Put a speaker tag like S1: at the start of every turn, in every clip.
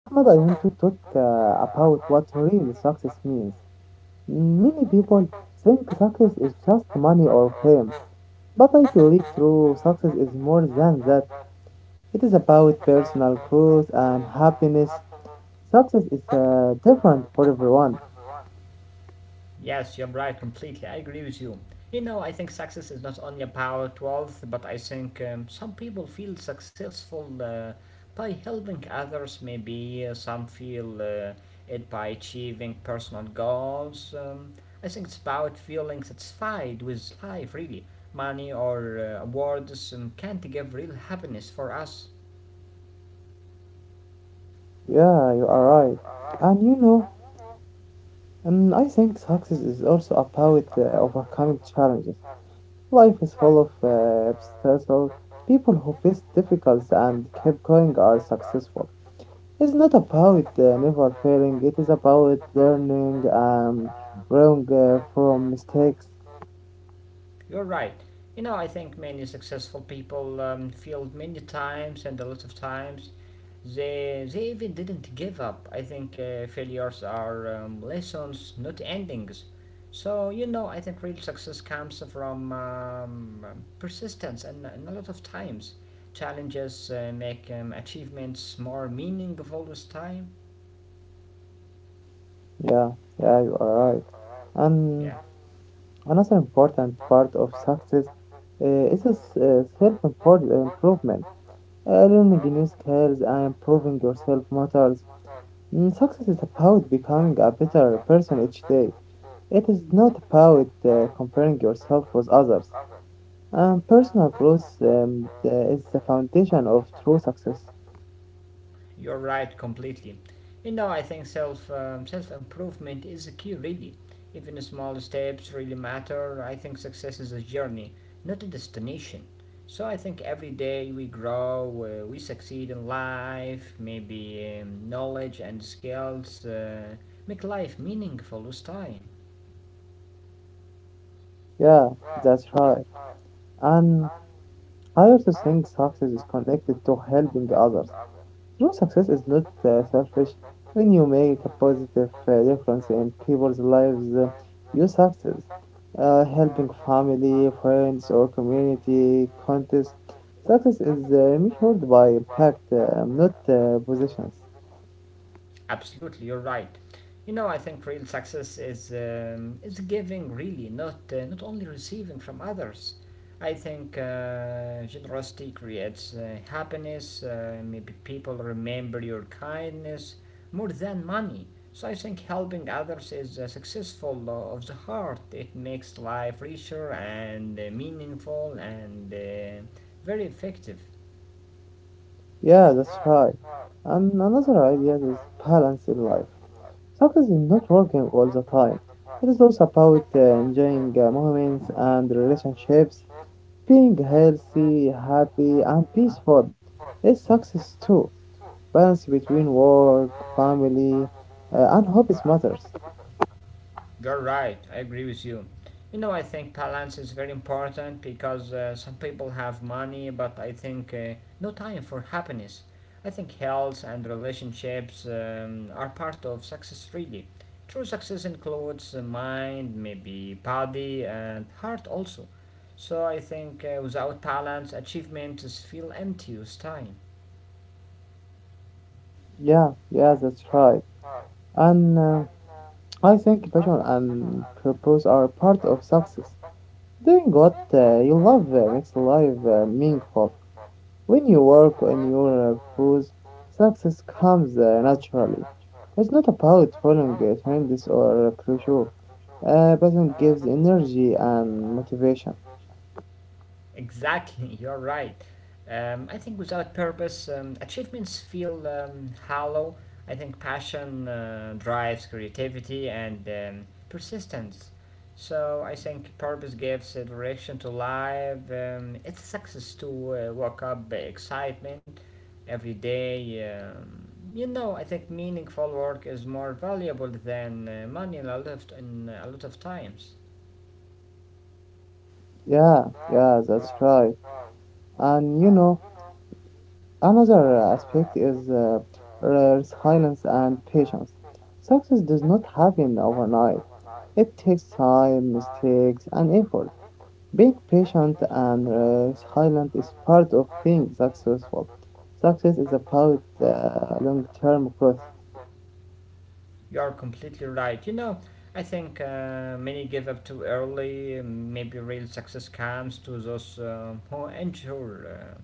S1: Ahmad, I want to talk about what real success means. Many people think success is just money or fame, but I believe true success is more than that. It is about personal growth and happiness. Success is different for everyone.
S2: Yes, you're right, completely. I agree with you. You know, I think success is not only about wealth, but I think some people feel successful by helping others, maybe some feel it by achieving personal goals. I think it's about feeling satisfied with life, really. Money or awards can't give real happiness for us.
S1: Yeah, you are right. And you know, I think success is also about overcoming challenges. Life is full of obstacles. People who face difficulties and keep going are successful. It's not about never failing, it is about learning and growing from mistakes.
S2: You're right. You know, I think many successful people failed many times and a lot of times. They even didn't give up. I think failures are lessons, not endings. So, you know, I think real success comes from persistence and a lot of times. Challenges make achievements more meaningful with time.
S1: Yeah, yeah, you are right.
S2: Yeah.
S1: And another important part of success is self improvement. Learning new skills and improving yourself matters. Mm, success is about becoming a better person each day. It is not about comparing yourself with others. Personal growth is the foundation of true success.
S2: You're right completely. You know, I think self improvement is the key, really. Even the small steps really matter. I think success is a journey, not a destination. So I think every day we grow, we succeed in life. Maybe knowledge and skills make life meaningful with time.
S1: Yeah, that's right. And I also think success is connected to helping others. True success is not selfish. When you make a positive difference in people's lives, you success. Helping family, friends, or community contests. Success is measured by impact, not positions.
S2: Absolutely, you're right. You know, I think real success is giving really, not only receiving from others. I think generosity creates happiness. Maybe people remember your kindness more than money. So I think helping others is successful of the heart. It makes life richer and meaningful and very effective.
S1: Yeah, that's right. And another idea is balance in life. Success is not working all the time. It is also about enjoying moments and relationships, being healthy, happy, and peaceful. It's success too. Balance between work, family, and hobbies matters.
S2: You're right, I agree with you. You know, I think balance is very important because some people have money, but I think no time for happiness. I think health and relationships are part of success, really. True success includes the mind, maybe body, and heart also. So I think without balance, achievements feel empty with time.
S1: Yeah, yeah, that's right. And I think passion and purpose are part of success. Doing what you love makes life meaningful. When you work on your pros, success comes naturally. It's not about following trends or pressure, but it gives energy and motivation.
S2: Exactly, you're right. I think without purpose, achievements feel hollow. I think passion drives creativity and persistence. So I think purpose gives a direction to life. It's success to wake up excitement every day. You know, I think meaningful work is more valuable than money in a lot of times.
S1: Yeah, yeah, that's right. And you know, another aspect is resilience and patience. Success does not happen overnight. It takes time, mistakes, and effort. Being patient and silent is part of being successful. Success is about long-term growth.
S2: You're completely right. You know, I think many give up too early. Maybe real success comes to those who endure.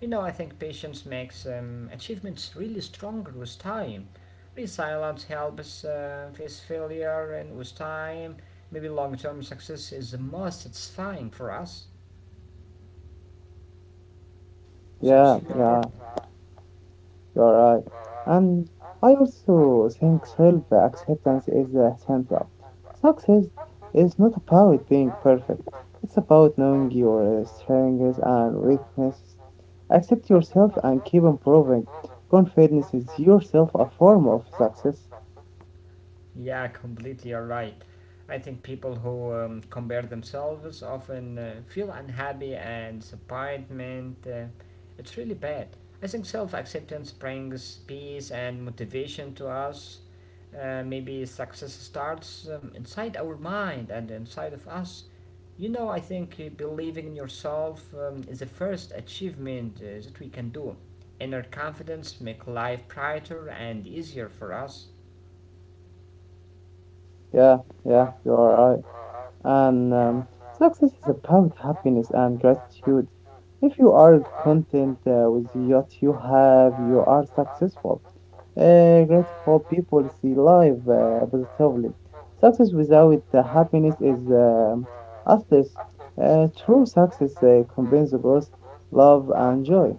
S2: You know, I think patience makes achievements really stronger with time. Resilience helps face failure, and with time, maybe long term success is the most satisfying for us. So
S1: Yeah,
S2: it's
S1: yeah, you're right. And I also think self-acceptance is central. Success is not about being perfect. It's about knowing your strengths and weaknesses. Accept yourself and keep improving. Confidence is yourself a form of success.
S2: Yeah, completely. You're right. I think people who compare themselves often feel unhappy and disappointment. It's really bad. I think self acceptance brings peace and motivation to us. Maybe success starts inside our mind and inside of us. You know, I think believing in yourself is the first achievement that we can do. Inner confidence make life brighter and easier for us.
S1: Yeah, yeah, you're right. And success is about happiness and gratitude. If you are content with what you have, you are successful. Grateful people see life positively. Success without happiness is useless. True success combines both love and joy.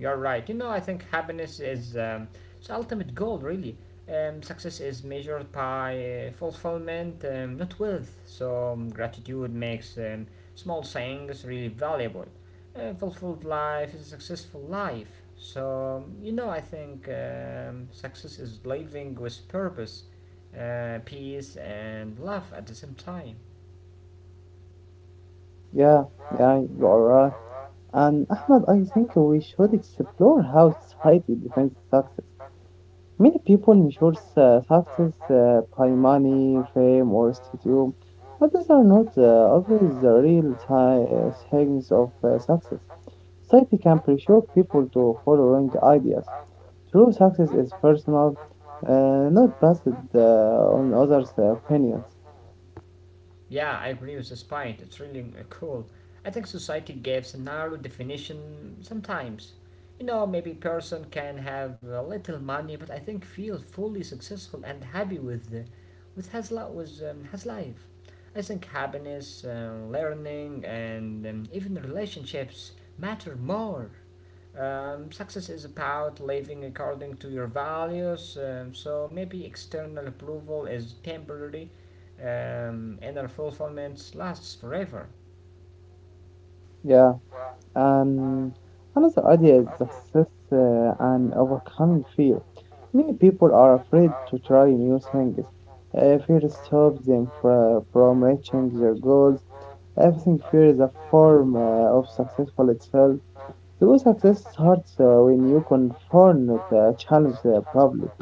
S2: You're right. You know, I think happiness is its ultimate goal, really. Success is measured by fulfillment, not wealth. So gratitude makes small things really valuable. A fulfilled life is a successful life. So you know, I think success is living with purpose, peace, and love at the same time.
S1: Yeah, yeah, you are right. And Ahmed, I think we should explore how society defines success. Many people measure success by money, fame, or status, but these are not always the things of success. Society can pressure people to follow wrong ideas. True success is personal, uh, not based on others' opinions.
S2: Yeah, I agree with this point. It's really cool. I think society gives a narrow definition sometimes. You know, maybe person can have a little money, but I think feel fully successful and happy with his life. With his life, I think happiness, learning, and even relationships matter more. Success is about living according to your values, so maybe external approval is temporary, inner fulfillment lasts forever.
S1: Yeah. And another idea is success and overcoming fear. Many people are afraid to try new things. Fear stops them from reaching their goals. Everything fear is a form of successful itself. True success starts when you confront the challenge properly.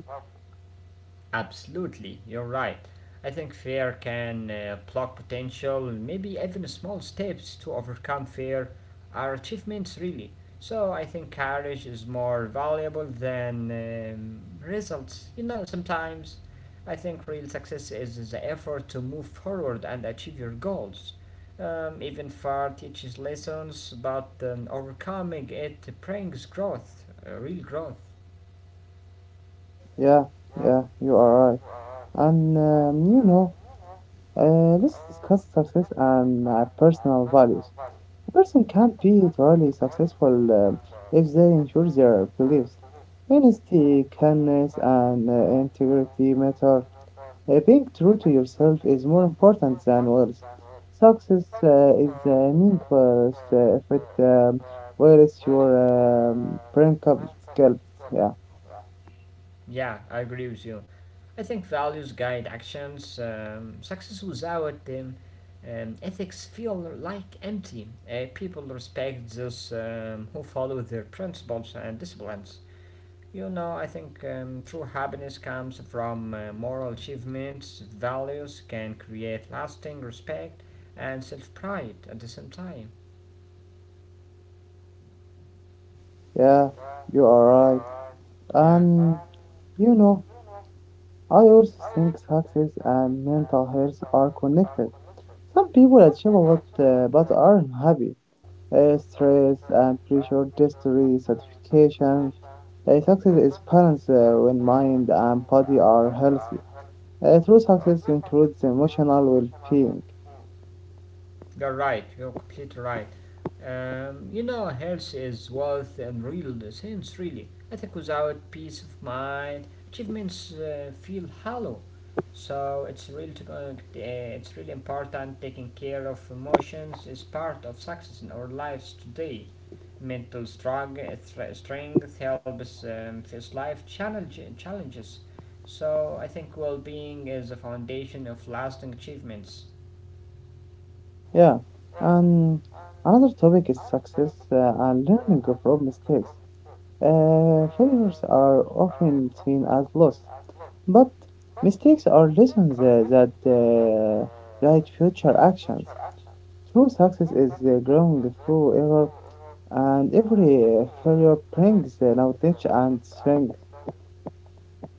S2: Absolutely, you're right. I think fear can block potential, maybe even small steps to overcome fear are achievements, really. So I think courage is more valuable than results. You know, sometimes I think real success is the effort to move forward and achieve your goals. Even far teaches lessons, but overcoming it brings growth, real growth.
S1: Yeah, yeah, you are right. And let's discuss success and personal values. A person can't be truly successful if they ensure their beliefs. Honesty, kindness, and integrity matter. Being true to yourself is more important than words. Success is meaningless if it wears your brinkled scalp. Yeah,
S2: Yeah, I agree with you. I think values guide actions. Success without ethics feel like empty. People respect those who follow their principles and disciplines. You know, I think true happiness comes from moral achievements. Values can create lasting respect and self pride at the same time.
S1: yeah, you are right.
S2: Yeah.
S1: And you know, I also think success and mental health are connected. Some people achieve a lot but are unhappy. Stress and pressure, history, satisfaction. Success is balanced when mind and body are healthy. True success includes emotional well-being.
S2: You're right. You're completely right. You know, health is wealth in real sense, really. I think without peace of mind, achievements feel hollow. So it's really important taking care of emotions is part of success in our lives today. Strength helps face challenges. So I think well-being is the foundation of lasting achievements.
S1: Yeah, and another topic is success and learning from mistakes. Failures are often seen as loss, but mistakes are lessons that guide future actions. True success is growing through error, and every failure brings knowledge and strength.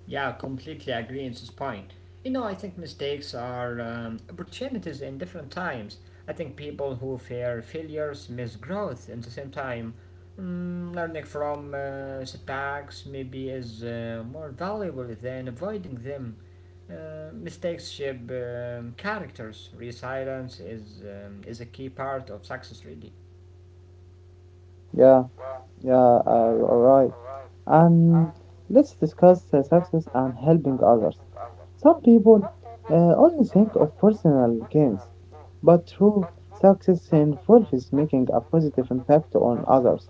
S2: Yeah, completely agree on this point. You know, I think mistakes are opportunities in different times. I think people who fear failures miss growth in the same time. Mm, learning from setbacks maybe is more valuable than avoiding them. Mistakes shape characters. Resilience is a key part of success, really.
S1: Yeah, yeah, you are right. And let's discuss success and helping others. Some people only think of personal gains, but true success involves making a positive impact on others.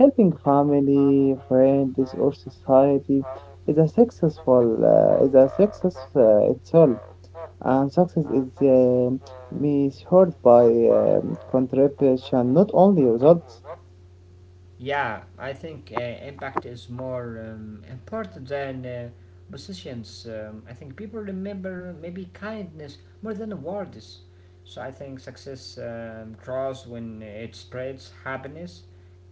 S1: Helping family, friends, or society is a successful is a success itself. And success is measured by contribution, not only results.
S2: Yeah, I think impact is more important than positions. I think people remember maybe kindness more than awards. So I think success grows when it spreads happiness.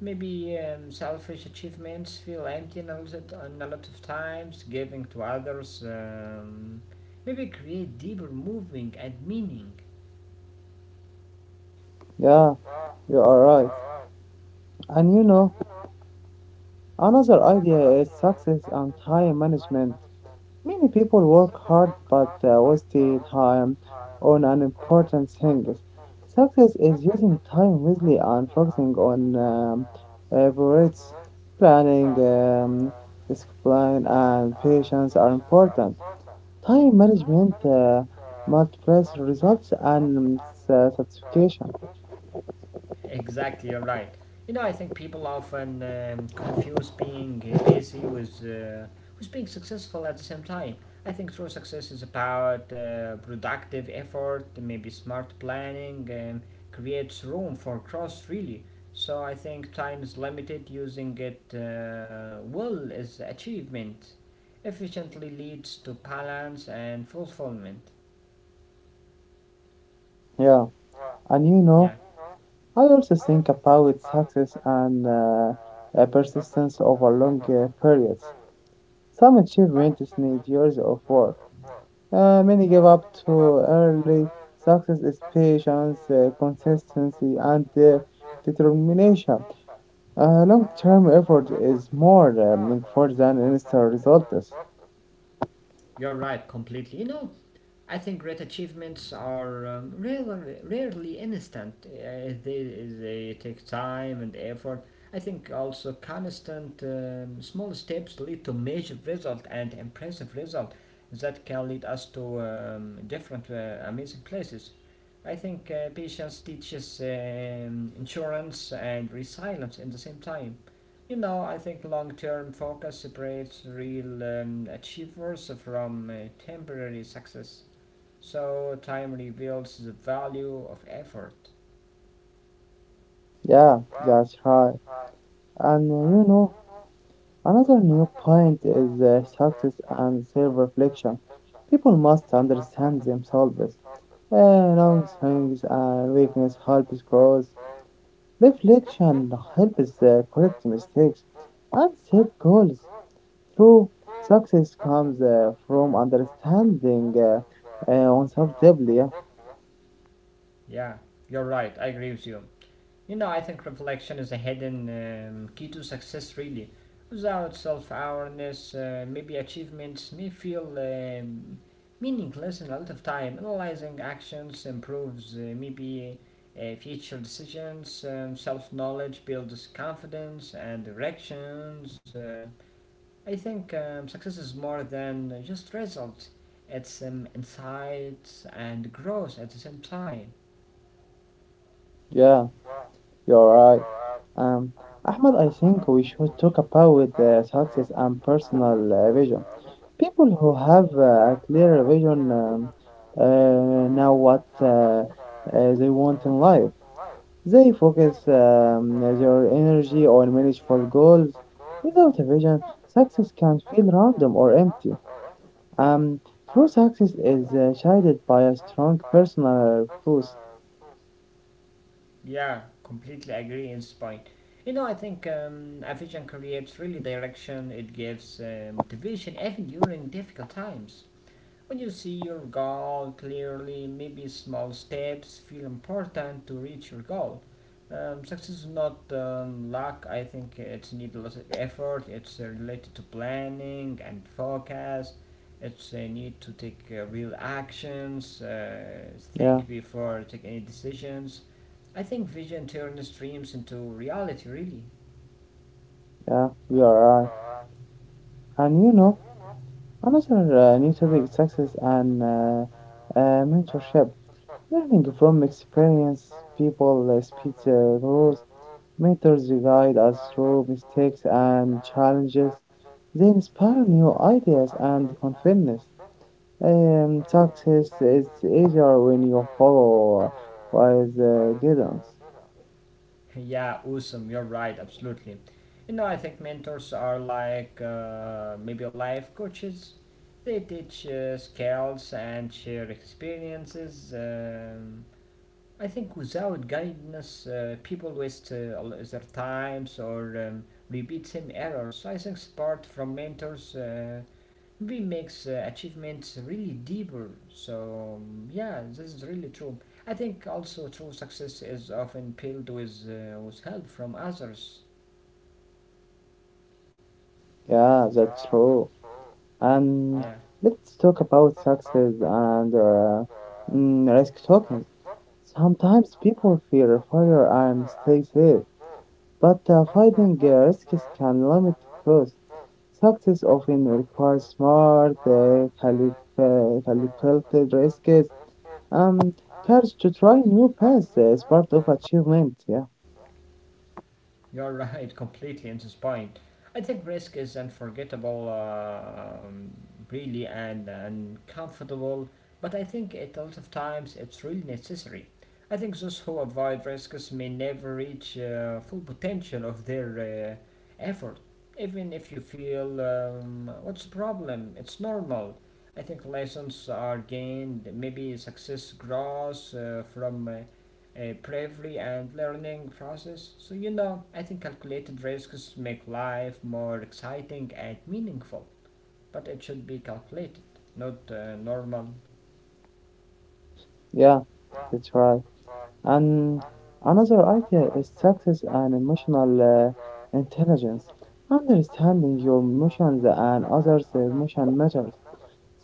S2: Maybe selfish achievements feel empty and a lot of times. Giving to others maybe create deeper moving and meaning.
S1: Yeah, you are right. And you know, another idea is success and time management. Many people work hard but waste their time on unimportant things. Success is using time wisely and focusing on priorities. Planning, discipline, and patience are important. Time management multiplies results and satisfaction.
S2: Exactly, you're right. You know, I think people often confuse being busy with being successful at the same time. I think true success is about productive effort, maybe smart planning, creates room for growth, really. So I think time is limited, using it well is achievement, efficiently leads to balance and fulfillment.
S1: Yeah, and you know,
S2: Yeah.
S1: I also think about success and persistence over long periods. Some achievements need years of work. Many give up too early. Success is patience, consistency, and determination. Long-term effort is more meaningful than instant results.
S2: You're right, completely. You know, I think great achievements are rarely instant. They take time and effort. I think also constant small steps lead to major result and impressive result that can lead us to different amazing places. I think patience teaches insurance and resilience in the same time. You know, I think long-term focus separates real achievers from temporary success. So time reveals the value of effort.
S1: Yeah, that's right. And you know, another new point is success and self reflection. People must understand themselves. Long things and weakness helps growth. Reflection helps correct mistakes and set goals. True success comes from understanding oneself deeply. Yeah,
S2: Yeah, you're right. I agree with you. You know, I think reflection is a hidden key to success, really. Without self awareness, maybe achievements may feel meaningless in a lot of time. Analyzing actions improves maybe future decisions, self knowledge builds confidence and directions. I think success is more than just results, it's insights and growth at the same time.
S1: yeah, you're right. Um, Ahmed, I think we should talk about success and personal vision. People who have a clear vision know what they want in life. They focus their energy on manageable goals. Without a vision, success can feel random or empty. Um, True success is guided by a strong personal purpose.
S2: Yeah, completely agree in spine. You know, I think a vision creates really direction, it gives motivation even during difficult times. When you see your goal clearly, maybe small steps feel important to reach your goal. Success is not luck. I think it needs a lot of effort. It's related to planning and focus. It's a need to take real actions, think
S1: Yeah,
S2: before take any decisions. I think vision turns dreams into reality, really.
S1: yeah, you are right. And you know, another new topic: success and mentorship. Learning from experienced people speeds growth. Mentors guide us through mistakes and challenges. They inspire new ideas and confidence. Success is easier when you follow wise guidance.
S2: Yeah, awesome. You're right. Absolutely. You know, I think mentors are like maybe life coaches. They teach skills and share experiences. I think without guidance, people waste their times or repeat same errors. So I think support from mentors. B makes achievements really deeper. So yeah, this is really true. I think also true success is often paired with help from others.
S1: Yeah, that's true. And let's talk about success and risk taking. Sometimes people fear failure and stay safe, but fighting risks can limit growth. Success often requires smart, calculated risks, and courage to try new paths is part of achievement. Yeah,
S2: You're right, completely inspiring. I think risk is unforgettable, really, and uncomfortable, but I think it a lot of times it's really necessary. I think those who avoid risks may never reach full potential of their effort. Even if you feel, what's the problem? It's normal. I think lessons are gained, maybe success grows from bravery and learning process. So you know, I think calculated risks make life more exciting and meaningful, but it should be calculated, not normal.
S1: yeah, that's right. And another idea is success and emotional intelligence. Understanding your emotions and others' emotion matters.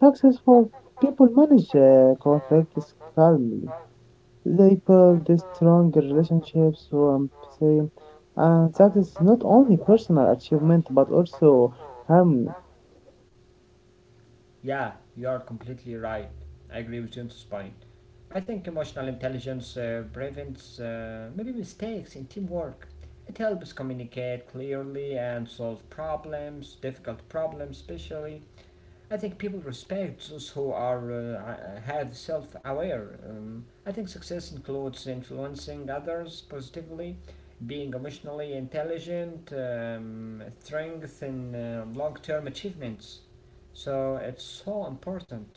S1: Successful people manage conflicts calmly. They build a strong relationships through empathy. And success is not only personal achievement but also harmony.
S2: Yeah, you are completely right. I agree with you on this point. I think emotional intelligence prevents maybe mistakes in teamwork. It helps communicate clearly and solve problems, difficult problems especially. I think people respect those who are have self-aware. I think success includes influencing others positively, being emotionally intelligent, strength in long-term achievements. So it's so important.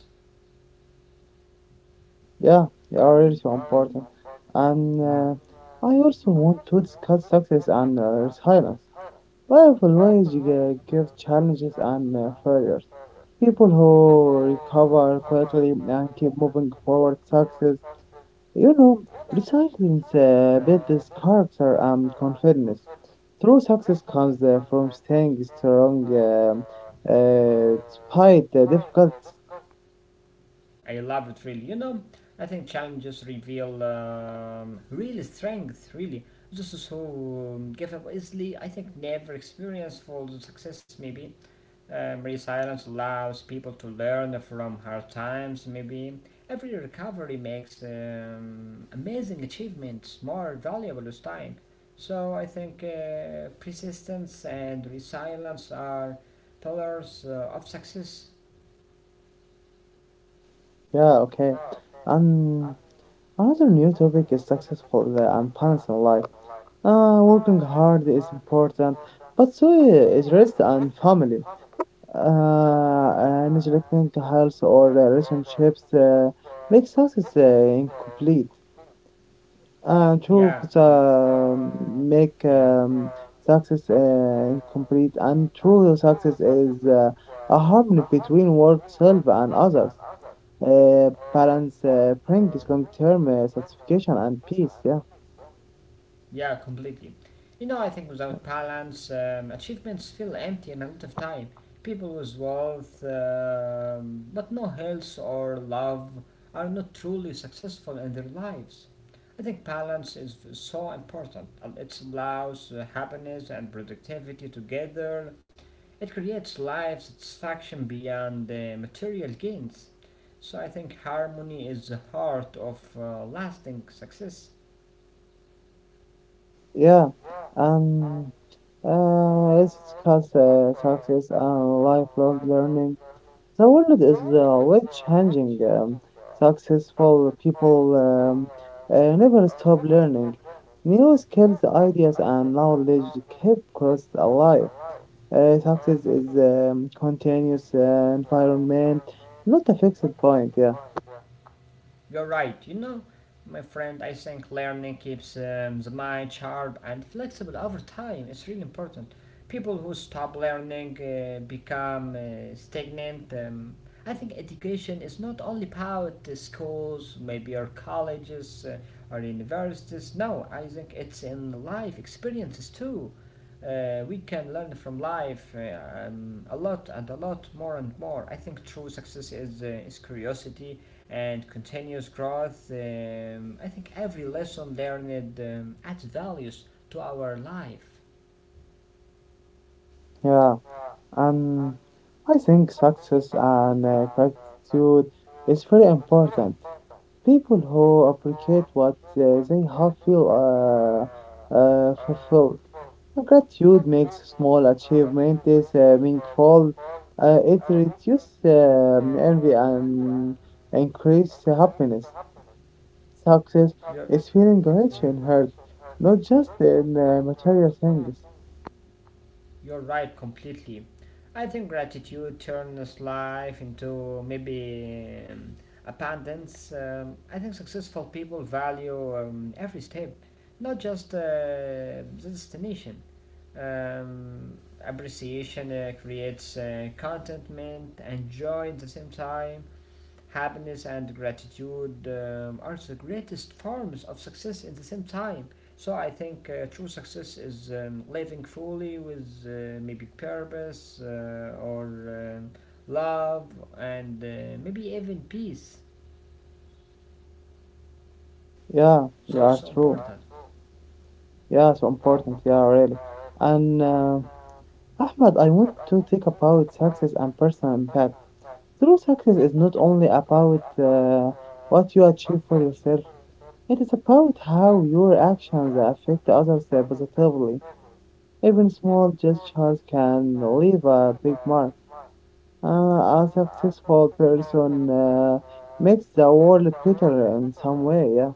S1: Yeah, they are really so important. And
S2: Mm.
S1: uh, I also want to discuss success and resilience. Life always gives challenges and failures. People who recover quickly and keep moving forward success. You know, recycling builds character and confidence. True success comes from staying strong despite the difficult.
S2: I love it really. You know, I think challenges reveal real strength. Really, this is who give up easily. I think never experience full success. Maybe um, resilience allows people to learn from hard times, maybe. Every recovery makes amazing achievements more valuable with time. So I think persistence and resilience are pillars of success.
S1: Yeah, okay. And another new topic is successful and balance in life. Working hard is important, but so is rest and family. And neglecting health or relationships makes success incomplete. True,
S2: Yeah.
S1: make
S2: Yeah.
S1: Success incomplete, and true success is a harmony between work, self, and others. Balance brings long-term satisfaction and peace. Yeah,
S2: Yeah, completely. You know, I think without balance, achievements feel empty in a lot of time. People with wealth, but no health or love, are not truly successful in their lives. I think so important. It allows happiness and productivity together. It creates life satisfaction beyond material gains. So I think harmony is the heart of lasting success.
S1: yeah. Um, let's discuss success and lifelong learning. The world is way changing. Successful people never stop learning. New skills, ideas, and knowledge keep us alive. Success is continuous environment, not a fixed point. Yeah,
S2: You're right, you know, my friend. I think learning keeps the mind sharp and flexible over time. It's really important. People who stop learning become stagnant. I think education is not only about the schools, maybe, or colleges, or universities. No, I think it's in life experiences too. We can learn from life a lot and a lot more and more. I think true success is curiosity and continuous growth. I think every lesson learned adds values to our life.
S1: yeah. Um, I think success and gratitude is very important. People who appreciate what they have feel fulfilled. Gratitude makes small achievements meaningful. It reduces envy and increases happiness. Success is feeling rich in heart, not just in material things.
S2: You're right, completely. I think gratitude turns life into maybe abundance. I think successful people value every step, not just the destination. Um, appreciation creates contentment and joy at the same time. Happiness and gratitude are the greatest forms of success at the same time. So I think true success is living fully with maybe purpose, or love and maybe even peace.
S1: Yeah,
S2: So
S1: you
S2: it's
S1: are
S2: so
S1: true.
S2: important.
S1: Yeah, so important. Yeah, really. And Ahmed, I want to talk about success and personal impact. True success is not only about what you achieve for yourself, it is about how your actions affect others positively. Even small gestures can leave a big mark. A successful person makes the world better in some way, yeah.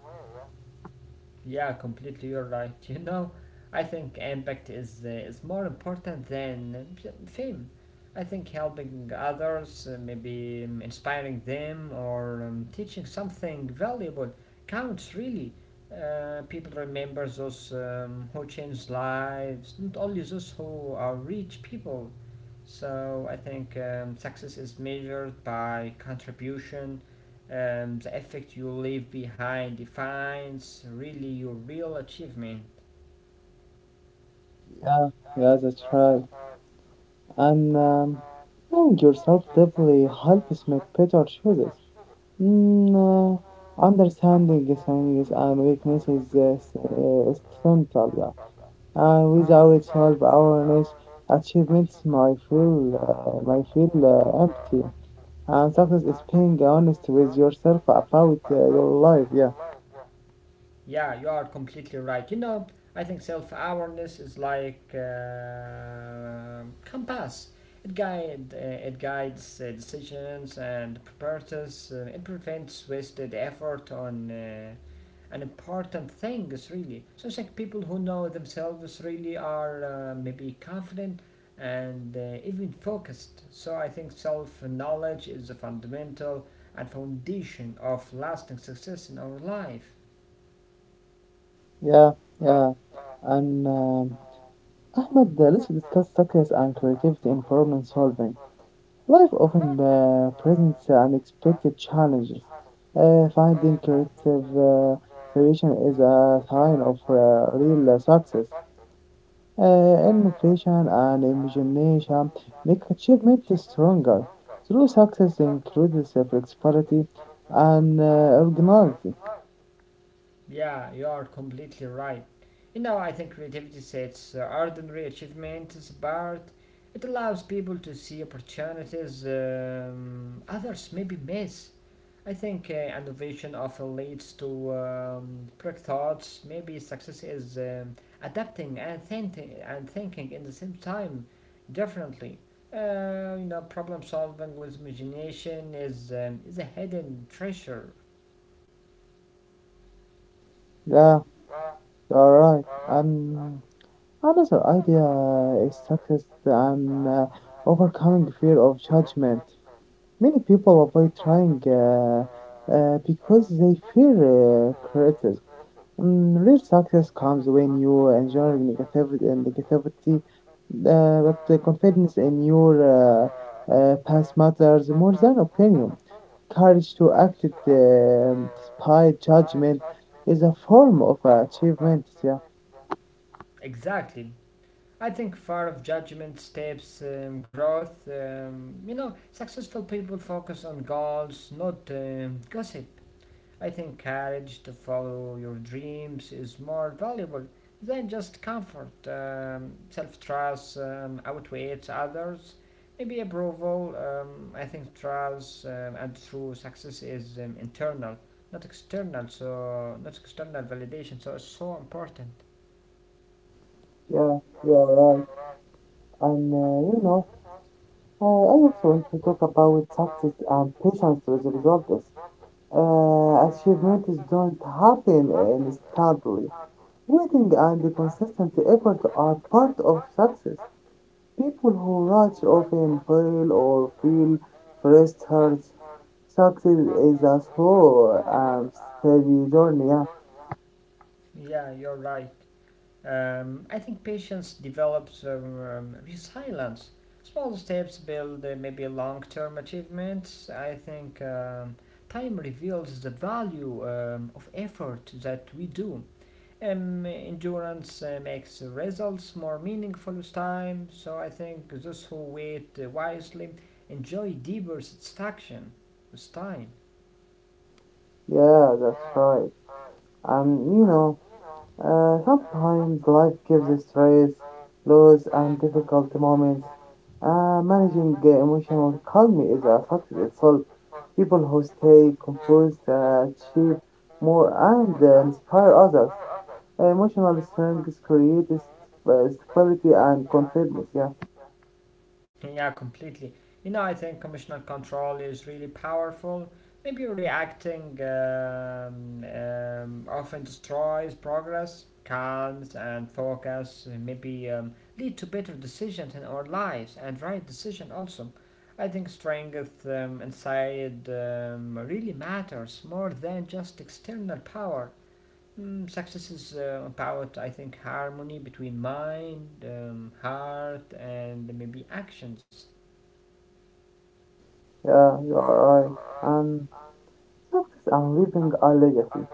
S2: Yeah, completely. You're right. You know, I think impact is more important than fame. I think helping others, maybe inspiring them or teaching something valuable counts really. People remember those who change lives, not only those who are rich people. So I think success is measured by contribution, the effect you leave behind defines really your real achievement.
S1: Yeah, yeah, that's right. And knowing yourself deeply helps make better choices. Mm, understanding things and weaknesses is, is central, yeah. And without self-awareness, achievements might feel empty. And success is being honest with yourself about your life, yeah.
S2: Yeah, you are completely right. You know, I think self awareness is like compass. It guides decisions and prepares. It prevents wasted effort on an important things really. So it's like people who know themselves really are maybe confident and even focused. So I think self knowledge is the fundamental and foundation of lasting success in our life.
S1: Yeah, yeah. And Ahmed, let's discuss success and creativity in problem solving. Life often presents unexpected challenges. Finding creative solution is a sign of real success. Innovation and imagination make achievement stronger. True success includes flexibility and originality.
S2: Yeah, you are completely right. You know, I think creativity sets ordinary achievements apart. It allows people to see opportunities, others maybe miss. I think innovation often leads to break. Maybe success is adapting and thinking in the same time differently. You know, problem solving with imagination is a hidden treasure.
S1: Yeah, you are right. And another idea is success and overcoming fear of judgment. Many people avoid trying because they fear criticism. Mm, real success comes when you enjoy negativity and negativity, but the confidence in your past matters more than opinion. Courage to act it, despite judgment is a form of achievement. Yeah,
S2: Exactly. I think far of judgment, steps, growth. You know, successful people focus on goals, not gossip. I think courage to follow your dreams is more valuable than just comfort. Self trust outweighs others. Maybe approval. I think trust, and true success is internal, not external. So not external validation. So it's so important.
S1: yeah, you are right. And I also want to talk about success and patience with the results. Achievements don't happen instantly. Waiting and consistent effort are part of success. People who rush often fail or feel frustrated. Success is a slow and steady journey. Yeah,
S2: Yeah, you're right. I think patience develops resilience. Small steps build maybe long term achievements. I think time reveals the value of effort that we do. Endurance makes results more meaningful with time, so I think those who wait wisely enjoy deeper satisfaction with time.
S1: yeah, that's right. Um, you know. Sometimes life gives us stress, lows, and difficult moments. Managing emotional calmness is a success itself. People who stay composed achieve more and inspire others. Emotional strength creates stability and confidence. Yeah,
S2: Yeah, completely. You know, I think commissional control is really powerful. Maybe reacting often destroys progress, calms, and focus. And maybe lead to better decisions in our lives and right decision also. I think strength inside really matters more than just external power. Mm, success is about, I think, harmony between mind, heart, and maybe actions.
S1: yeah, you are right. And success and leaving a legacy.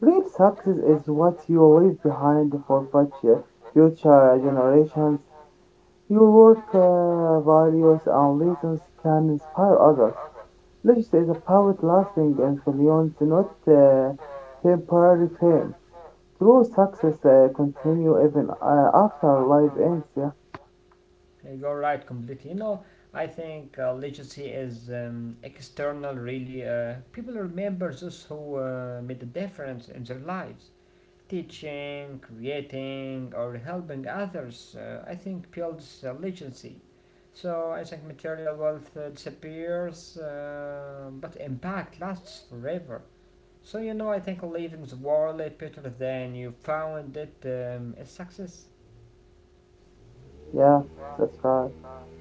S1: Real success is what you leave behind for future generations. Your work, values, and reasons can inspire others. Legacy is a power lasting influence, not temporary fame. True success continue even after life ends. Yeah,
S2: You're right completely. You know, I think legacy is external, really. People remember those who made a difference in their lives. Teaching, creating, or helping others, I think, builds legacy. So I think material wealth disappears, but impact lasts forever. So you know, I think leaving the wallet Peter, then you found it, a success.
S1: yeah, that's right.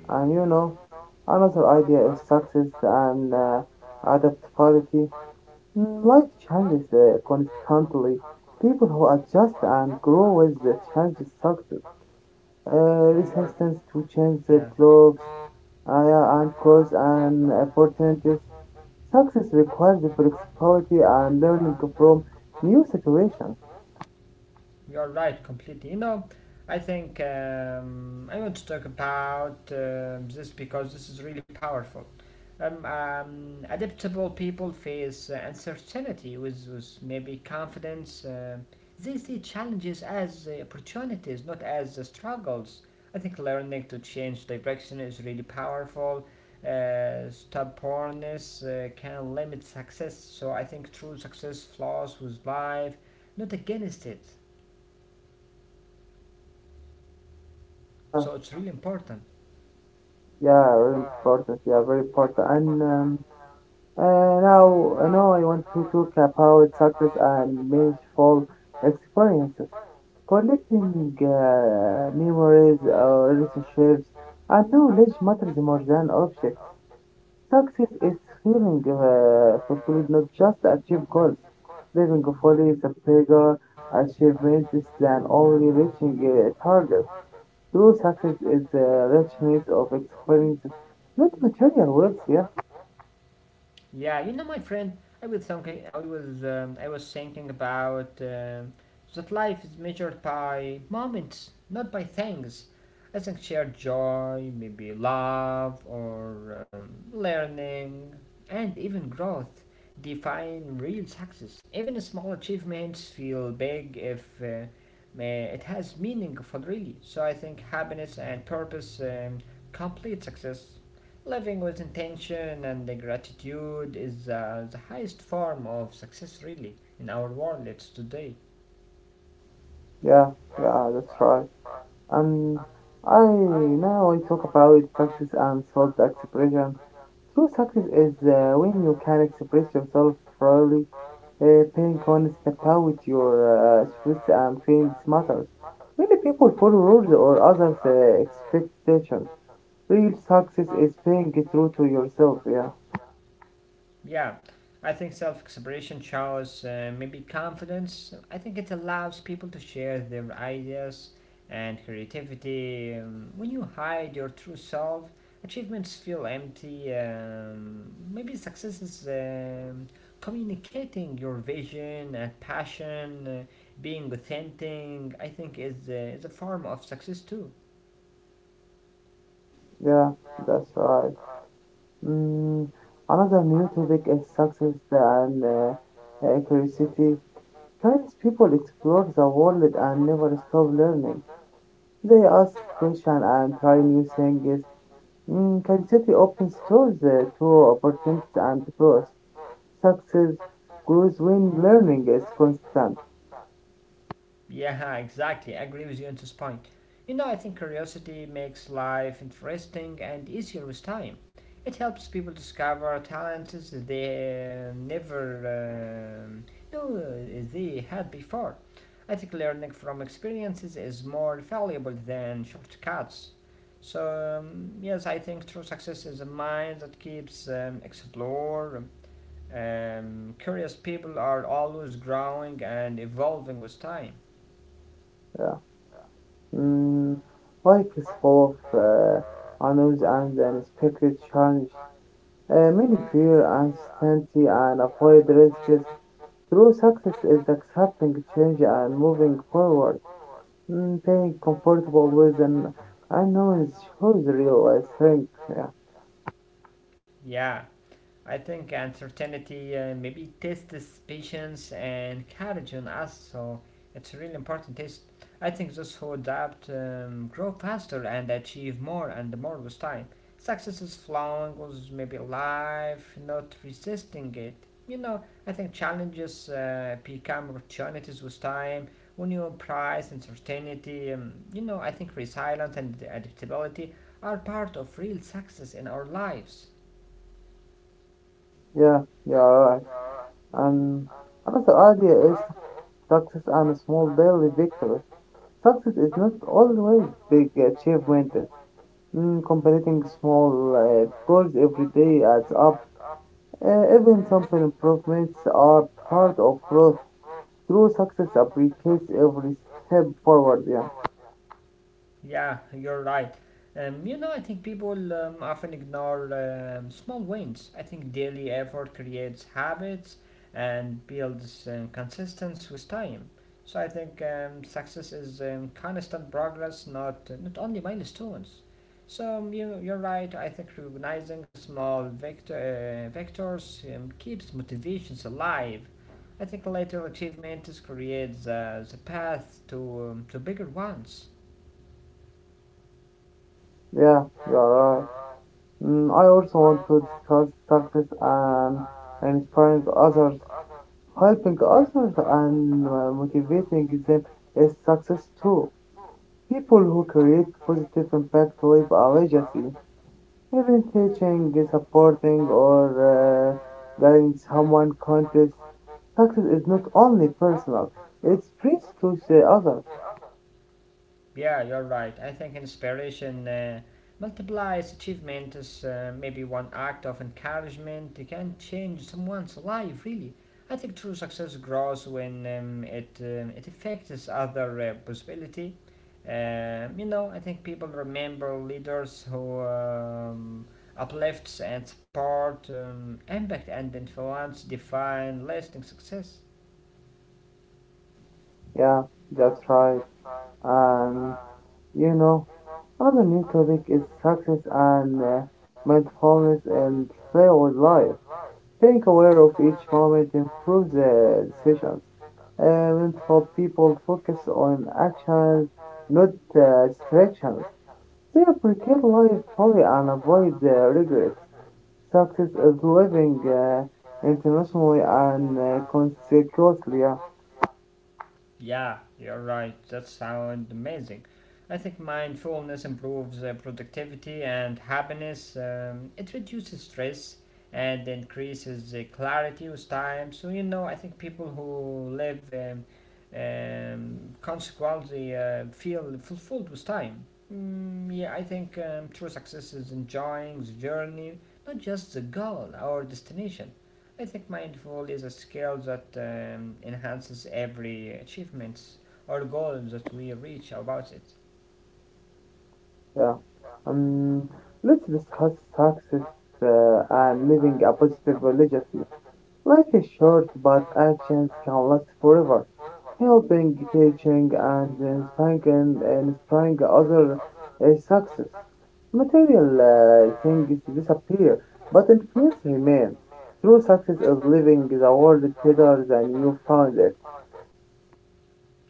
S1: And you know, another idea is success and adaptability. Life changes constantly. People who adjust and grow with the changes success. Uh, Resistance to change the
S2: Yeah.
S1: blocks Aya and cross and opportunities. Success requires the flexibility and learning from new situations.
S2: You're right completely. You know, I think I want to talk about this because this is really powerful. Adaptable people face uncertainty with maybe confidence. They see challenges as opportunities, not as struggles. I think learning to change direction is really powerful. Stubbornness can limit success, so I think true success flows with life, not against it.
S1: Yeah,
S2: So it's really important.
S1: yeah, very important. Yeah, very important. And uh, now I want to talk about success and meaningful experiences. Collecting memories, relationships, and knowledge matters more than objects. Success is feeling fulfilled, not just achieve goals. Living fully is a bigger achievement than only reaching a target. True success is the richness of experiences, not material wealth. Yeah,
S2: Yeah, you know, my friend, I was thinking, I was thinking about that life is measured by moments, not by things. I think shared joy, maybe love or learning, and even growth define real success. Even small achievements feel big if it has meaningful, really. So I think happiness and purpose, complete success. Living with intention and gratitude is the highest form of success, really, in our world today.
S1: yeah, yeah, that's right. And I now I talk about success and self expression. True success is when you can express yourself freely being honest about your truth and feelings matters. Many people follow rules or others' expectations. Real success is being true to yourself. Yeah,
S2: Yeah, I think self-expression shows maybe confidence. I think it allows people to share their ideas and creativity. When you hide your true self, achievements feel empty. Maybe success is communicating your vision and passion. Being authentic, I think, is a form of success too.
S1: yeah, that's right. Mm, Another new topic is success and curiosity. Chinese people explore the world and never stop learning. They ask questions and try new things. Curiosity opens doors to opportunities and growth. Success grows when learning is constant.
S2: Yeah, exactly. I agree with you on this point. You know, I think curiosity makes life interesting and easier with time. It helps people discover talents they never knew they had before. I think learning from experiences is more valuable than shortcuts. So, yes, I think true success is a mind that keeps explore. Curious people are always growing and evolving with time.
S1: Mm, Life is full of unknowns and unexpected challenges. Many fear uncertainty and avoid risks. True success is accepting change and moving forward. Being comfortable with an unknown shows real strength. Yeah,
S2: Yeah, I think uncertainty maybe tests patience and courage on us, so it's a really important test. I think those who adapt grow faster and achieve more and more with time. Success is flowing with maybe life, not resisting it. You know, I think challenges become opportunities with time. When you prize uncertainty, you know, I think resilience and adaptability are part of real success in our lives.
S1: yeah, you're right. And another idea is success and small daily victories. Success is not always big achievements. Completing small goals every day adds up. Even simple improvements are part of growth. True success appreciates every step forward. Yeah,
S2: Yeah, you're right. You know, I think people often ignore small wins. I think daily effort creates habits and builds consistency with time. So I think success is constant progress, not only milestones. So you're right. I think recognizing small vectors keeps motivations alive. I think later achievements creates the path to bigger ones.
S1: yeah, you are right. I also want to discuss success and inspiring others. Helping others and motivating them is success too. People who create positive impact leave a legacy. Even teaching, supporting, or uh, guiding someone contests, success is not only personal, it spreads to the others.
S2: Yeah, you're right. I think inspiration multiplies achievement. Is maybe one act of encouragement, it can change someone's life, really. I think true success grows when it affects other possibility. You know, I think people remember leaders who uplifts and support, impact and influence define lasting success.
S1: Yeah, that's right. And you know, another new topic is success and mindfulness and play with life. Being aware of each moment improves the decisions. Mindful people focus on actions, not distractions. They appreciate life fully and avoid regrets. Success is living internationally and consequently. Yeah,
S2: Yeah, you're right. That sounds amazing. I think mindfulness improves productivity and happiness. It reduces stress and increases clarity with time. So, you know, I think people who live consequently feel fulfilled with time. Mm, yeah, I think true success is enjoying the journey, not just the goal, our destination. I think mindful is a skill that enhances every achievements or goal that we reach about it.
S1: yeah. Um, let's discuss success and living a positive legacy. Life is short, but actions can last forever. Helping, teaching, and inspiring other is success. Material things disappear, but influence remains. True success is living the world better than you found it.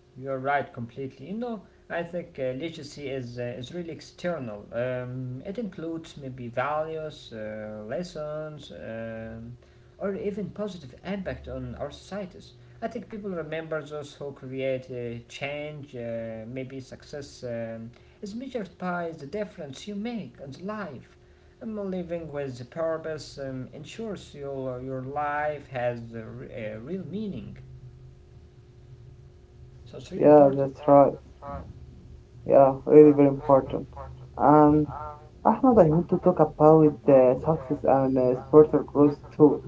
S2: You're right, completely. You know, I think literacy is really external. It includes maybe values, lessons, or even positive impact on our societies. I think people remember those who create change. Maybe success is measured by the difference you make in life. Living with purpose ensures your life has a real meaning. So it's really
S1: Yeah,
S2: important.
S1: that's right. Yeah, really very important. And Ahmad, I want to talk about success and spiritual growth too.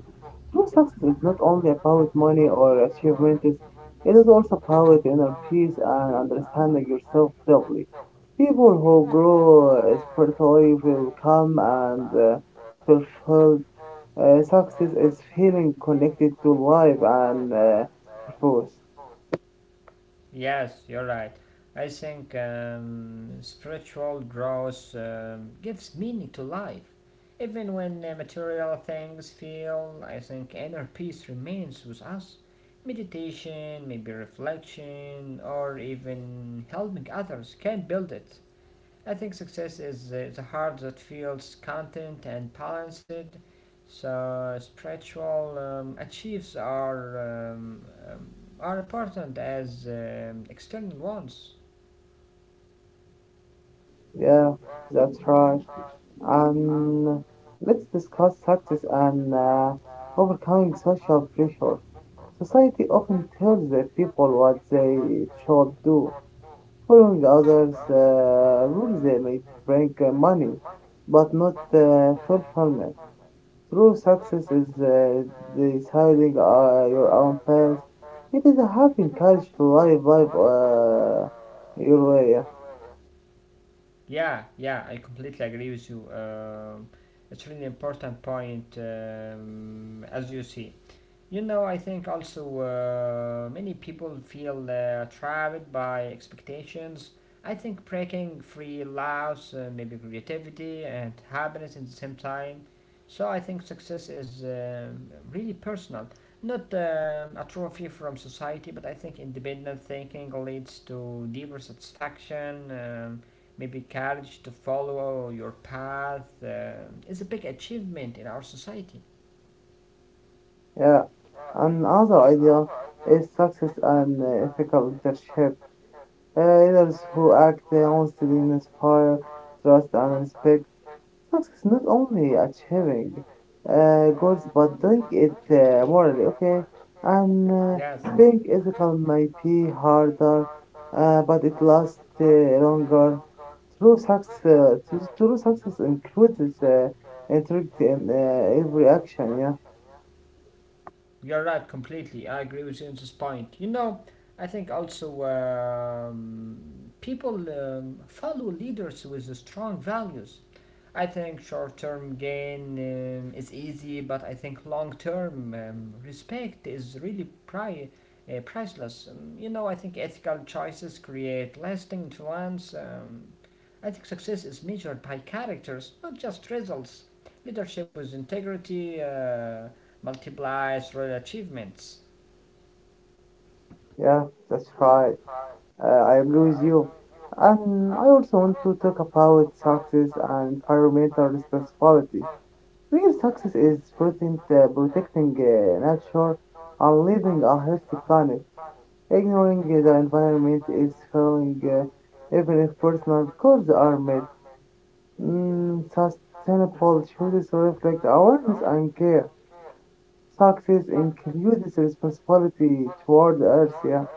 S1: True success is not only about money or achievements, it is also about inner peace and understanding yourself deeply. People who grow spiritually will calm and fulfilled. Success is feeling connected to life and purpose.
S2: Yes, you're right. I think spiritual growth gives meaning to life. Even when material things fail, I think inner peace remains with us. Meditation, maybe reflection, or even helping others can build it. I think success is the heart that feels content and balanced. So spiritual achieves um, are important as external ones.
S1: Yeah, that's right. And let's discuss success and overcoming social pressure. Society often tells the people what they should do. Following others' rules they may bring money, but not fulfillment. True success is deciding your own path. It is having courage to live life your way. Yeah.
S2: Yeah, yeah, I completely agree with you. It's really important point, as you see. You know, I think also many people feel trapped by expectations. I think breaking free allows maybe creativity and happiness at the same time. So I think success is really personal, not a trophy from society, but I think independent thinking leads to deeper satisfaction. Maybe courage to follow your path is a big achievement in our society.
S1: Yeah. Another idea is success and ethical leadership. Leaders who act honestly inspire trust and respect. Success not only achieving goals but doing it morally, okay? And
S2: Yes,
S1: being ethical might be harder, but it lasts longer. True success, true success includes integrity in every action. Yeah,
S2: you're right, completely. I agree with you on this point. You know, I think also people follow leaders with strong values. I think short term gain is easy, but I think long term respect is really priceless. You know, I think ethical choices create lasting influence. I think success is measured by characters, not just results. Leadership with integrity multiplies real achievements.
S1: yeah, that's right. I agree with you. And I also want to talk about success and environmental responsibility. Real success is protecting nature and living a healthy planet. Ignoring the environment is failing, even if personal goals are met. Sustainable choices reflect awareness and care. Success includes responsibility toward the earth. Yeah,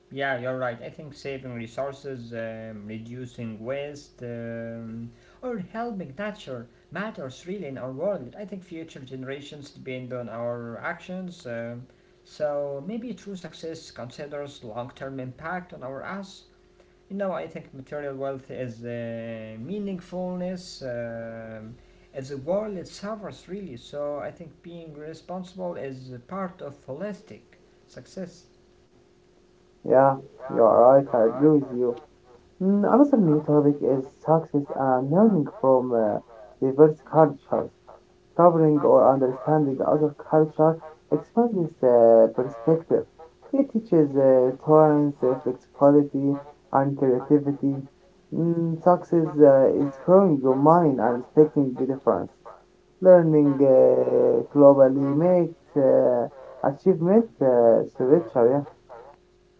S2: Yeah, you're right. I think saving resources, reducing waste, or helping nature matters really in our world. I think future generations depend on our actions. So maybe true success considers long-term impact on our us. You know, I think material wealth is meaningfulness. As a world, it suffers really. So I think being responsible is a part of holistic success.
S1: yeah, you are right. I agree with you. Another new topic is success and learning from diverse cultures. Traveling or understanding other culture expands perspective. It teaches tolerance, flexibility, and creativity. Success is growing your mind and respecting the difference. Learning globally makes achievement spiritual.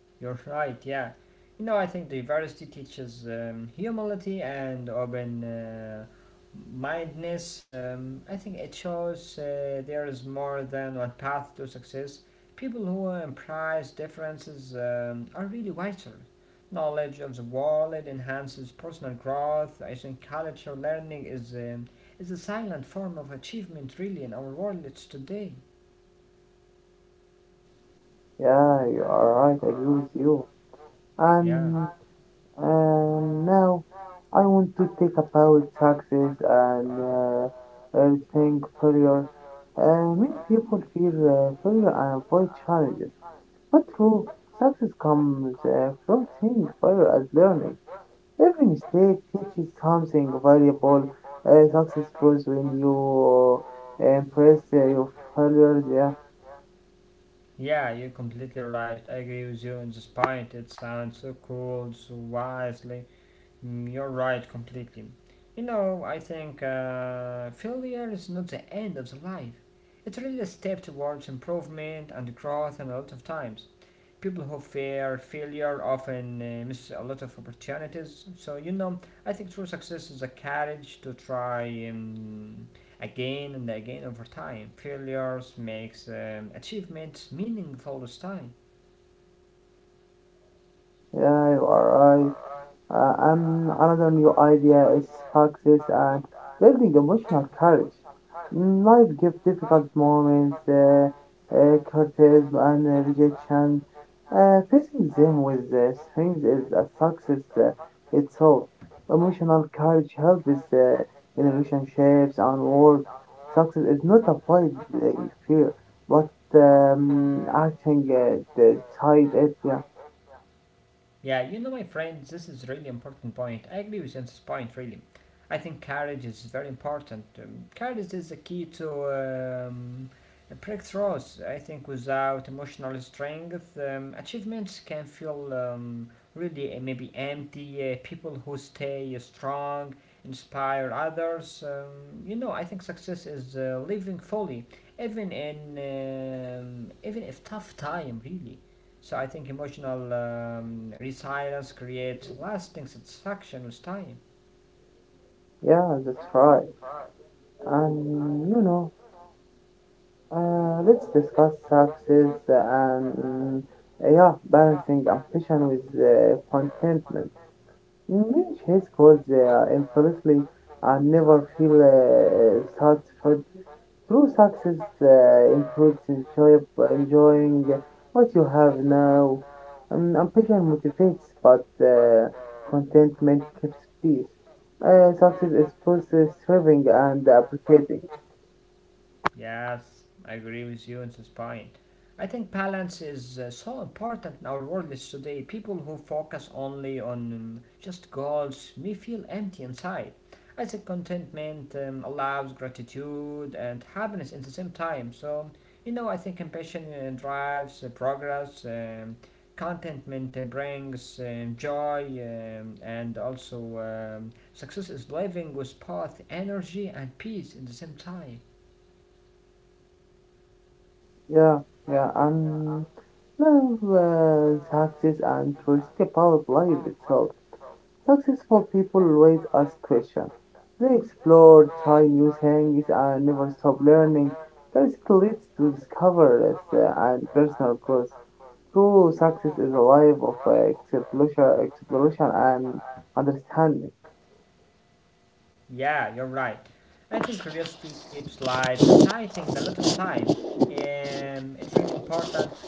S2: You're right, yeah. You know, I think diversity teaches humility and open mindedness. I think it shows there is more than one path to success. People who embrace differences are really wiser. Knowledge of the world enhances personal growth. I think culture learning is a silent form of achievement, really, in our world today.
S1: Yeah, yeah, you are right. I agree with you.
S2: Yeah.
S1: And And now I want to talk about taxes and everything failure. Many people fear failure and avoid challenges. But true, success comes from seeing failure as learning. Every mistake teaches something valuable. Success grows when you embrace your failures. Yeah,
S2: Yeah, you're completely right. I agree with you on this point. It sounds so cool, so wisely. Mm, you're right, completely. You know, I think failure is not the end of the life. It's really a step towards improvement and growth, and a lot of times. People who fear failure often miss a lot of opportunities. So, you know, I think true success is a courage to try again and again over time. Failures makes achievements meaningful this time.
S1: yeah, you are right. And another new idea is success and building emotional courage. Life gives difficult moments, criticism and rejection. Facing them with strength is a success itself. Emotional courage helps in relationships and work. Success is not avoiding fear, but acting the side it. Yeah,
S2: Yeah, you know, my friends, this is really important point. I agree with this point, really. I think courage is very important. Courage is the key to breakthroughs. I think without emotional strength, achievements can feel really maybe empty. People who stay strong inspire others. You know, I think success is living fully, even in even if tough time, really. So I think emotional resilience creates lasting satisfaction with time.
S1: yeah, that's right. And you know. Let's discuss success and yeah, balancing ambition with contentment. Many his goals infamously and never feel satisfied. True success includes enjoying what you have now. Ambition motivates, but contentment keeps peace. Success is both serving and appreciating.
S2: Yes, I agree with you on this point. I think balance is so important in our world is today. People who focus only on just goals may feel empty inside. I think contentment allows gratitude and happiness at the same time. So, you know, I think compassion drives progress, contentment brings joy, and also success is living with both energy and peace at the same time.
S1: Yeah, yeah, and love, success, and curiosity about life itself. Successful people always ask questions. They explore, try new things, and never stop learning. Curiosity leads to discoveries and personal growth. True success is a life of exploration and understanding.
S2: Yeah, you're right. I think curiosity keeps life exciting a lot of time. It's really important.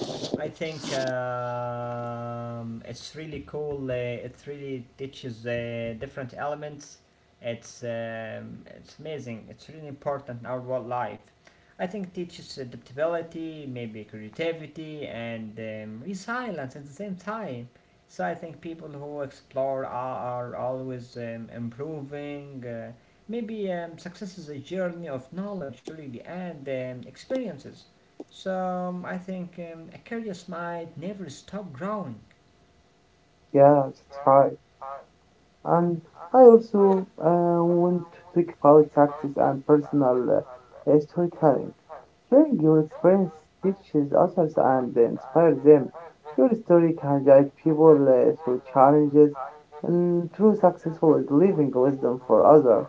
S2: I think it's really cool. It really teaches different elements. It's amazing. It's really important in our world life. I think it teaches adaptability, maybe creativity, and resilience at the same time. So I think people who explore are always improving. Maybe success is a journey of knowledge, really, and experiences. So I think a curious mind never stop growing.
S1: Yeah, that's right. And I also want to talk about success and personal storytelling. Sharing your experience teaches others and inspires them. Your story can guide people through challenges, and true successful is living wisdom for others.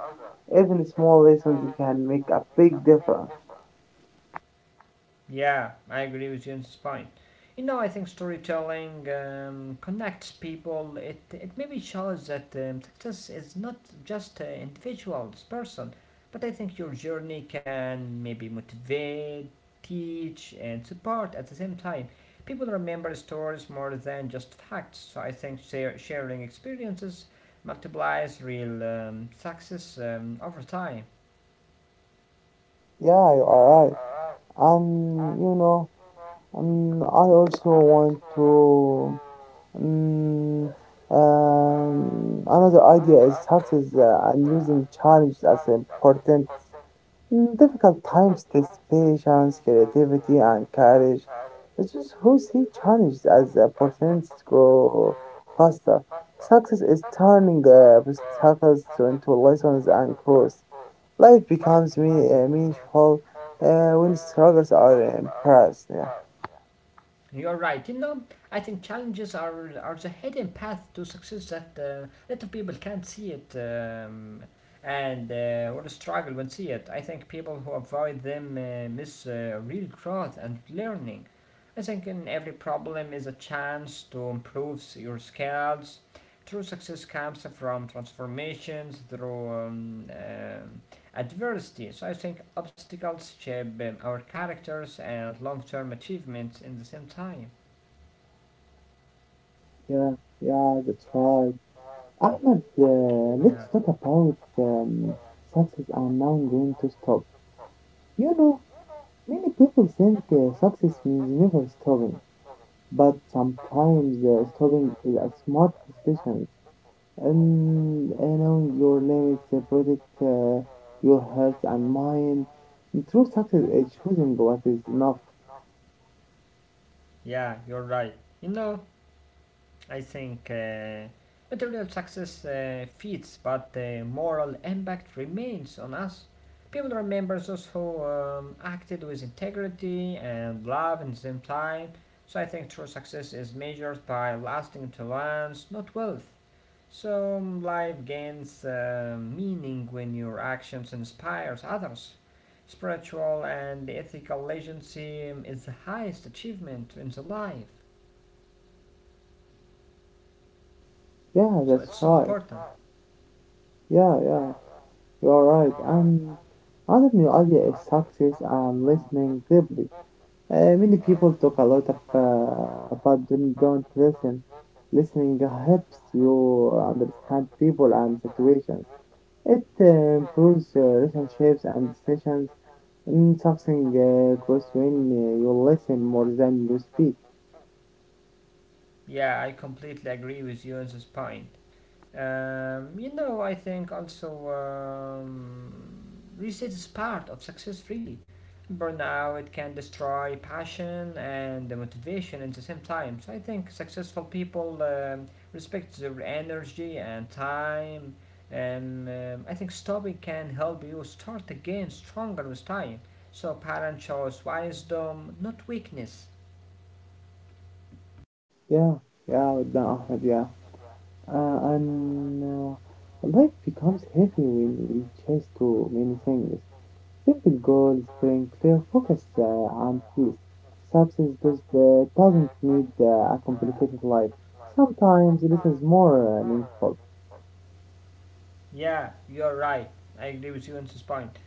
S1: Even small lessons can make a big difference.
S2: Yeah, I agree with you on this point. You know, I think storytelling connects people. It maybe shows that success is not just an individual's person, but I think your journey can maybe motivate, teach, and support at the same time. People remember stories more than just facts, so I think sharing experiences multiplies real success over time.
S1: Yeah, you are right. And you know, I also want to Mm, another idea is taxes and using challenge as important. Difficult times test patience, creativity, and courage. This is who see challenges as opportunities grow faster. Success is turning into lessons and growth. Life becomes meaningful when struggles are embraced. Yeah.
S2: You're right. You know, I think challenges are the hidden path to success that lot of people can't see it, and will struggle when see it. I think people who avoid them miss real growth and learning. I think in every problem is a chance to improve your skills. True success comes from transformations through adversity. So I think obstacles shape our characters and long-term achievements in the same time.
S1: Yeah, yeah, that's right. Ahmed,
S2: Yeah,
S1: let's talk about success I'm now going to stop. You know, many people think success means never stopping, but sometimes stopping is a smart decision. And you know, your limits protect your heart and mind. And true success is choosing what is enough.
S2: yeah, you're right. You know, I think material success fits, but the moral impact remains on us. People remember those who acted with integrity and love in the same time, so I think true success is measured by lasting influence, not wealth. So life gains meaning when your actions inspires others. Spiritual and ethical legacy is the highest achievement in the life,
S1: Yeah,
S2: so it's
S1: that's
S2: so
S1: right.
S2: important.
S1: Yeah, yeah, you are right. And another new idea is success and listening deeply. Many people talk a lot about them don't listen. Listening helps you understand people and situations. It improves relationships and decisions. Something grows when you listen more than you speak.
S2: Yeah, I completely agree with you on this point. You know, I think also reset is part of success, really. Burnout can destroy passion and the motivation at the same time. So I think successful people respect their energy and time. And I think stopping can help you start again stronger with time. So parent shows wisdom, not weakness.
S1: Yeah, yeah, no, Ahmed, yeah. And life becomes heavy when we chase too many things. Simple goals bring clear focus and peace. Success doesn't need a complicated life. Sometimes it is more meaningful.
S2: Yeah, you're right. I agree with you on this point.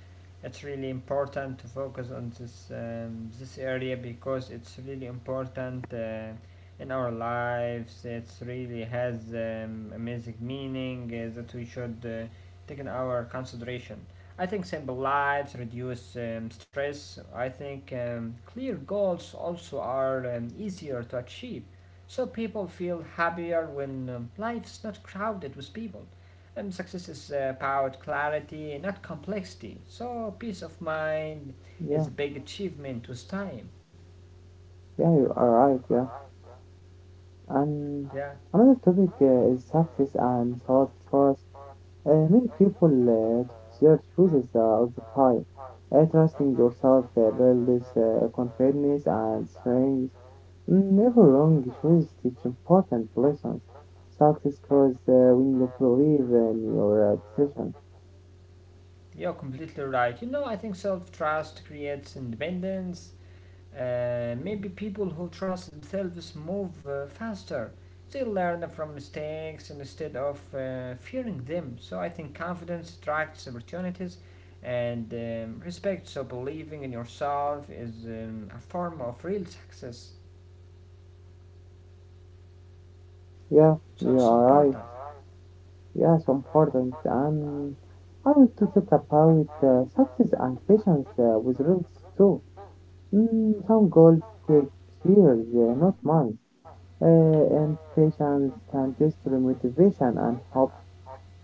S2: It's really important to focus on this area because it's really important in our lives. It's really has amazing meaning that we should take in our consideration. I think simple lives reduce stress. I think clear goals also are easier to achieve, so people feel happier when life's not crowded with people. And success is about clarity, not complexity. So peace of mind
S1: Yeah,
S2: is a big achievement with time.
S1: yeah, you are right. Yeah, and
S2: Yeah,
S1: another topic is success and self trust. Many people their choices all the time. Trusting yourself builds confidence and strength. Never wrong choices teach important lessons. Success comes when you believe in your decision.
S2: you're completely right. You know, I think self-trust creates independence. Maybe people who trust themselves move faster. They learn from mistakes instead of fearing them. So I think confidence attracts opportunities and respect. So believing in yourself is a form of real success.
S1: Yeah,
S2: So
S1: you
S2: it's
S1: are
S2: important.
S1: right. Yeah, so important. And I want to talk about success and patience with results too. Some goals take years, not months. Uh, and patience can destroy motivation and hope.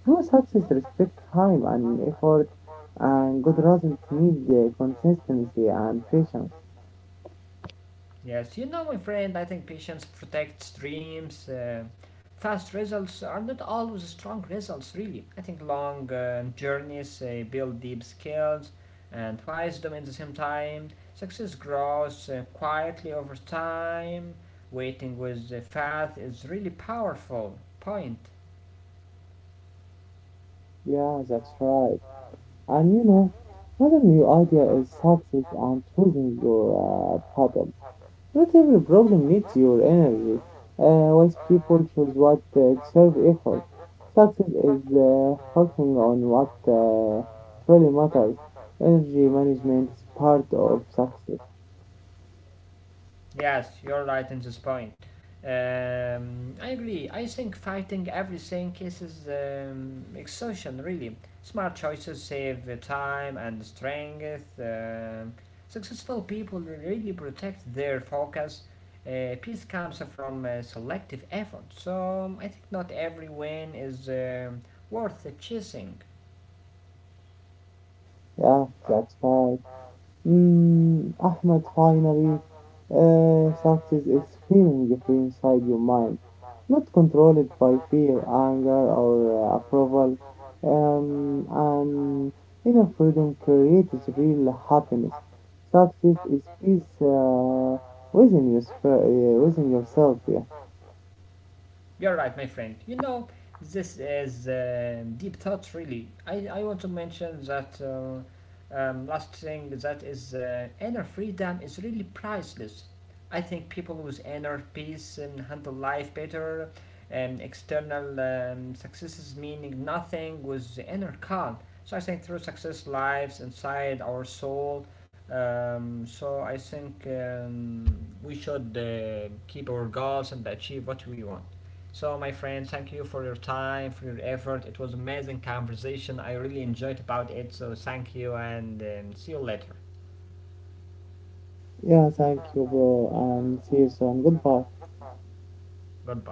S1: True success respects time and effort, and good results need consistency and patience.
S2: Yes, you know, my friend, I think patience protects dreams. Fast results are not always strong results, really. I think long journeys build deep skills and wisdom at the same time. Success grows quietly over time. Waiting with faith is really powerful point.
S1: Yeah, that's right. And you know, another new idea is success and choosing your pattern. Not every problem needs your energy. Wise people choose what deserve effort. Success is focusing on what truly matters. Energy management is part of success.
S2: Yes, you're right in this point. I agree. I think fighting everything is exhaustion, really. Smart choices save time and strength. Successful people really protect their focus. Peace comes from selective effort. So I think not every win is worth chasing.
S1: Yeah, that's right. Ahmed, finally, success is feeling free inside your mind, not controlled by fear, anger, or approval. And inner freedom creates real happiness. Success is peace within, your sphere, within yourself. Yeah.
S2: You're right, my friend. You know, this is deep thought, really. I want to mention that last thing that is inner freedom is really priceless. I think people with inner peace handle life better, and external successes meaning nothing with the inner calm. So I think true success lives inside our soul. So I think we should keep our goals and achieve what we want. So, my friends, thank you for your time, for your effort. It was amazing conversation. I really enjoyed about it. So, thank you, and see you later.
S1: Yeah, thank you, bro, and see you soon. Goodbye.
S2: Goodbye.